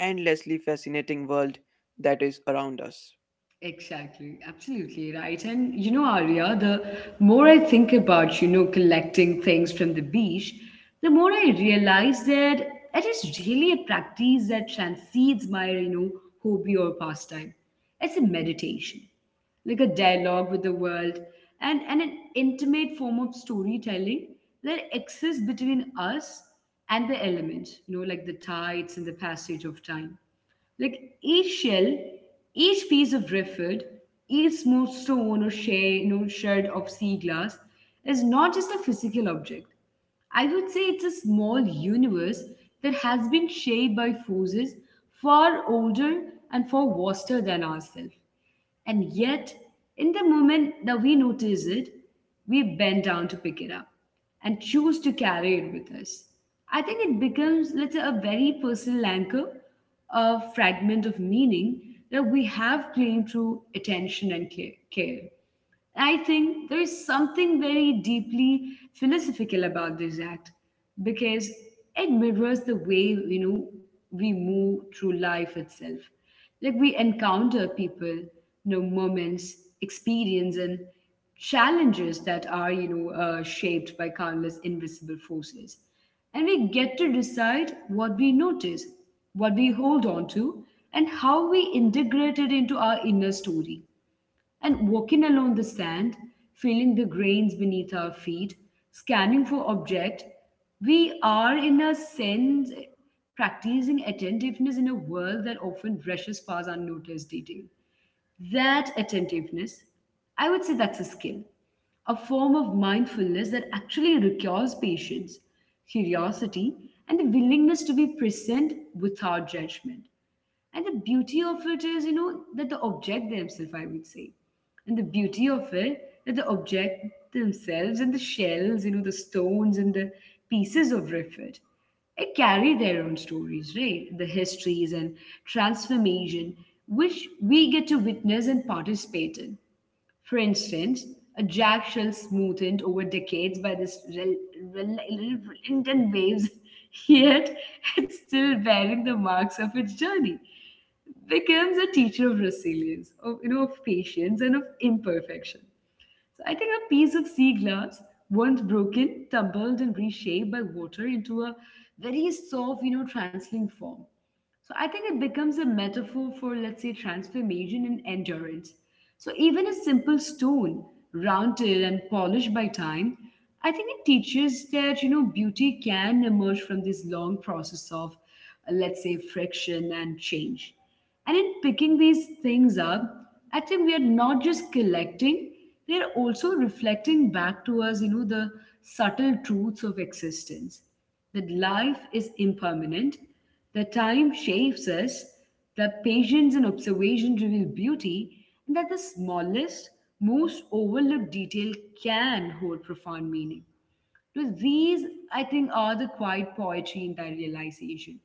endlessly fascinating world that is around us.
Exactly, absolutely right. And, Arya, the more I think about, collecting things from the beach, the more I realize that it is really a practice that transcends my, hobby or pastime. It's a meditation, like a dialogue with the world, and an intimate form of storytelling that exists between us and the elements, like the tides and the passage of time. Like, each shell, each piece of driftwood, each smooth stone or shade, no, shard of sea glass is not just a physical object. I would say it's a small universe that has been shaped by forces far older and far vaster than ourselves. And yet, in the moment that we notice it, we bend down to pick it up and choose to carry it with us. I think it becomes, let's say, a very personal anchor, a fragment of meaning that we have claimed through attention and care. I think there is something very deeply philosophical about this act, because it mirrors the way, we move through life itself. Like, we encounter people, moments, experience, and challenges that are, shaped by countless invisible forces, and we get to decide what we notice, what we hold on to, and how we integrate it into our inner story. And walking along the sand, feeling the grains beneath our feet, scanning for object, we are, in a sense, practicing attentiveness in a world that often rushes past unnoticed detail. That attentiveness, I would say that's a skill, a form of mindfulness that actually requires patience, curiosity, and the willingness to be present without judgment. And the beauty of it is, that the object themselves, I would say. And the beauty of it, that the object themselves and the shells, the stones and the pieces of riffit, it carry their own stories, right? The histories and transformation which we get to witness and participate in. For instance, a jack shell smoothed over decades by this rel- rel- relentless waves, yet it's still bearing the marks of its journey, becomes a teacher of resilience, of, of patience and of imperfection. So I think a piece of sea glass, once broken, tumbled and reshaped by water into a very soft, transling form. So I think it becomes a metaphor for, let's say, transformation and endurance. So even a simple stone, rounded and polished by time, I think it teaches that, beauty can emerge from this long process of, let's say, friction and change. And in picking these things up, I think we are not just collecting, they're also reflecting back to us, the subtle truths of existence. That life is impermanent, that time shapes us, that patience and observation reveal beauty, and that the smallest, most overlooked detail can hold profound meaning. So these, I think, are the quiet poetry in that realization.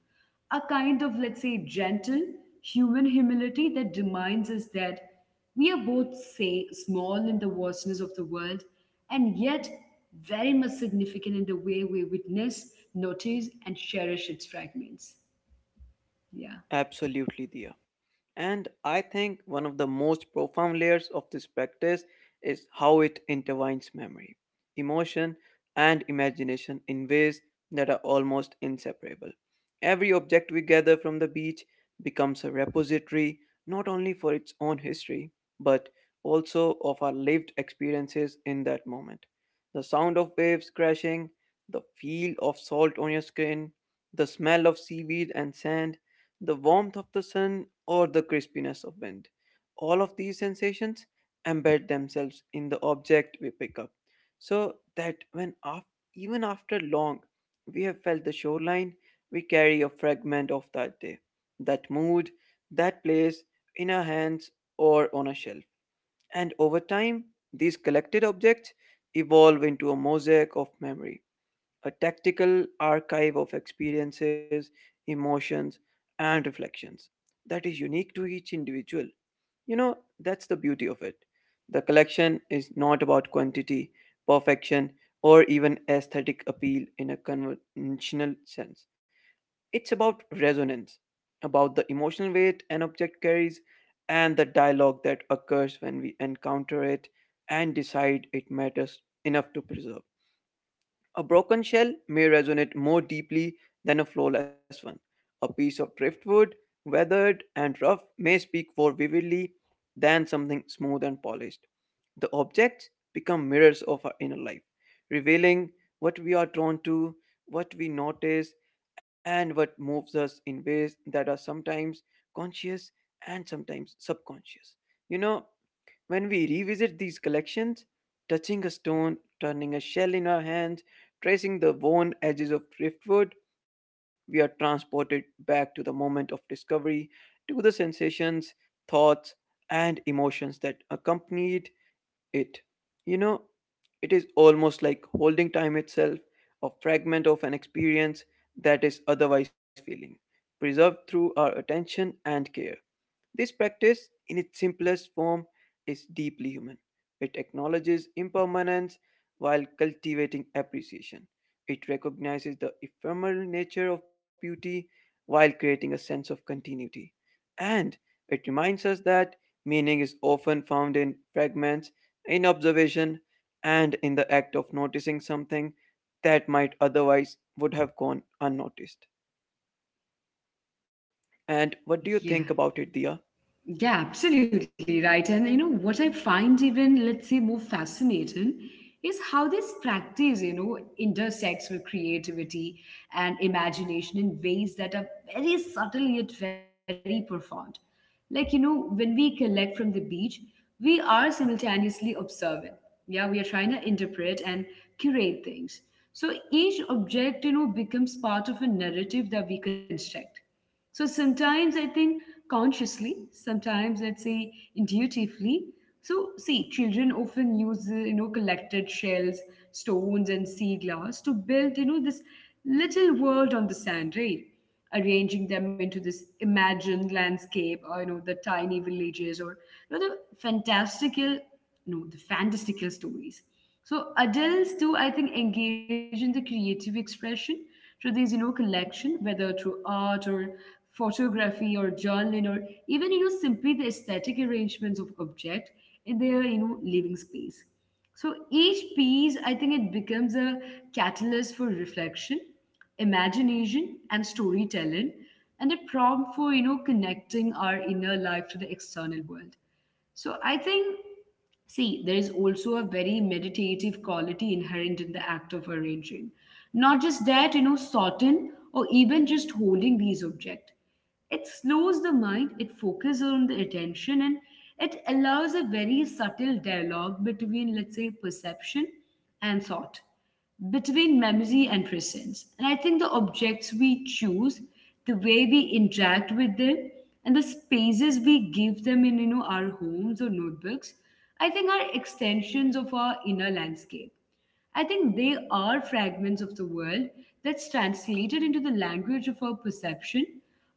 A kind of, let's say, gentle human humility that reminds us that we are both, say, small in the vastness of the world and yet very much significant in the way we witness, notice, and cherish its fragments. Yeah.
Absolutely, Dia. And I think one of the most profound layers of this practice is how it intertwines memory, emotion, and imagination in ways that are almost inseparable. Every object we gather from the beach becomes a repository not only for its own history, but also of our lived experiences in that moment. The sound of waves crashing, the feel of salt on your skin, the smell of seaweed and sand, the warmth of the sun, or the crispiness of wind. All of these sensations embed themselves in the object we pick up, so that even after long we have felt the shoreline, we carry a fragment of that day, that mood, that place in our hands or on a shelf. And over time, these collected objects evolve into a mosaic of memory, a tactical archive of experiences, emotions, and reflections that is unique to each individual. You know, that's the beauty of it. The collection is not about quantity, perfection, or even aesthetic appeal in a conventional sense. It's about resonance, about the emotional weight an object carries, and the dialogue that occurs when we encounter it and decide it matters enough to preserve. A broken shell may resonate more deeply than a flawless one. A piece of driftwood, weathered and rough, may speak more vividly than something smooth and polished. The objects become mirrors of our inner life, revealing what we are drawn to, what we notice, and what moves us in ways that are sometimes conscious and sometimes subconscious. You know, when we revisit these collections, touching a stone, turning a shell in our hands, tracing the worn edges of driftwood, we are transported back to the moment of discovery, to the sensations, thoughts, and emotions that accompanied it. You know, it is almost like holding time itself, a fragment of an experience that is otherwise feeling, preserved through our attention and care. This practice, in its simplest form, is deeply human. It acknowledges impermanence while cultivating appreciation. It recognizes the ephemeral nature of beauty while creating a sense of continuity. And it reminds us that meaning is often found in fragments, in observation, and in the act of noticing something that might otherwise would have gone unnoticed. And what do you
Yeah.
think about it, Dia?
Yeah, absolutely right. And you know what I find even, let's say, more fascinating is how this practice intersects with creativity and imagination in ways that are very subtle yet very profound. Like, when we collect from the beach, we are simultaneously observing. Yeah, we are trying to interpret and curate things. So each object becomes part of a narrative that we construct, so sometimes I think consciously, sometimes let's say intuitively. So see, children often use collected shells, stones, and sea glass to build this little world on the sand, right? Arranging them into this imagined landscape, or the tiny villages, or the fantastical, no, the fantastical stories. So adults do, I think, engage in the creative expression through these collection, whether through art or photography or journaling, or even simply the aesthetic arrangements of object in their living space. So each piece, I think it becomes a catalyst for reflection, imagination, and storytelling, and a prompt for connecting our inner life to the external world. So I think, see, there is also a very meditative quality inherent in the act of arranging. Not just that, sorting or even just holding these objects. It slows the mind, it focuses on the attention, and it allows a very subtle dialogue between, let's say, perception and thought, between memory and presence. And I think the objects we choose, the way we interact with them, and the spaces we give them in our homes or notebooks, I think are extensions of our inner landscape. I think they are fragments of the world that's translated into the language of our perception,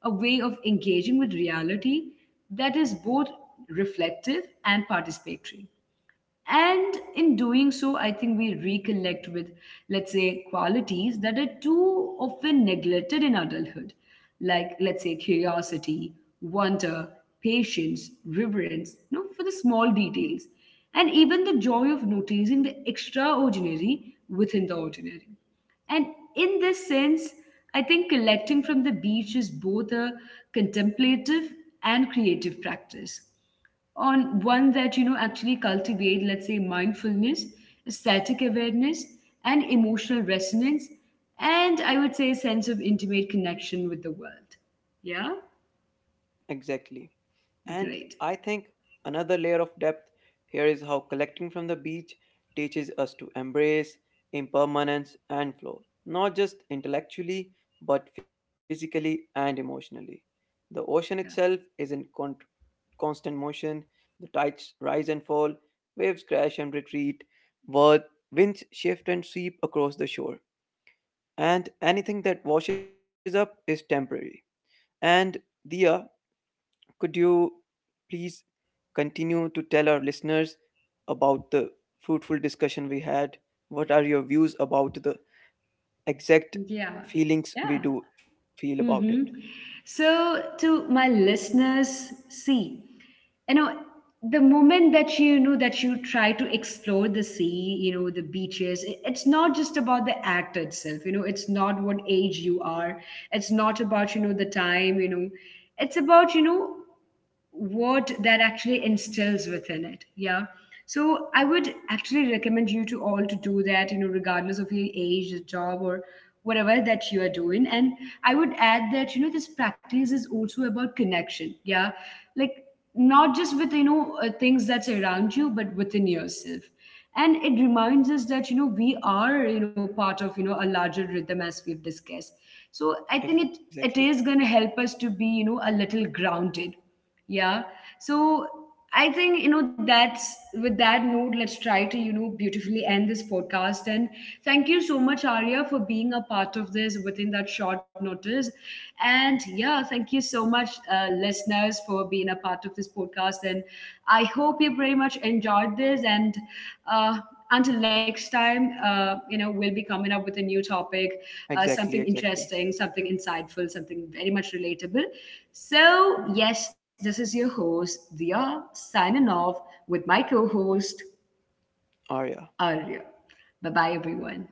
a way of engaging with reality that is both reflective and participatory. And in doing so, I think we reconnect with, let's say, qualities that are too often neglected in adulthood, like, let's say, curiosity, wonder, patience, reverence, for the small details, and even the joy of noticing the extraordinary within the ordinary. And in this sense, I think collecting from the beach is both a contemplative and creative practice, on one that actually cultivate, let's say, mindfulness, static awareness, and emotional resonance, and I would say a sense of intimate connection with the world. Yeah.
Exactly. And
Great.
I think another layer of depth here is how collecting from the beach teaches us to embrace impermanence and flow, not just intellectually, but physically and emotionally. The ocean itself
Yeah,
is constant motion, the tides rise and fall, waves crash and retreat, wor- winds shift and sweep across the shore, and anything that washes up is temporary. And Dia, could you please continue to tell our listeners about the fruitful discussion we had? What are your views about the exact
yeah,
feelings we
yeah.
do feel about it?
Hmm. So, to my listeners, see, you know, the moment that you know that you try to explore the sea, the beaches, it's not just about the act itself, it's not what age you are, it's not about the time, it's about what that actually instills within it. Yeah. So I would actually recommend you to all to do that, regardless of your age, the job, or whatever that you are doing. And I would add that this practice is also about connection. Yeah. Like, not just with things that's around you, but within yourself. And it reminds us that we are part of a larger rhythm, as we've discussed. So I think it
Exactly.
it is going to help us to be a little grounded. Yeah. So I think that's, with that note, let's try to beautifully end this podcast. And thank you so much, Arya, for being a part of this within that short notice. And yeah, thank you
Um,
so much, listeners, for being a part of this podcast. And I hope you very much enjoyed this. And uh, until next time, we'll be coming up with a new topic, something
exactly, exactly.
interesting, something insightful, something very much relatable.
Hmm.
So, yes, this is your host, Dia, signing off with my co host,
Arya.
Arya. Bye bye, everyone.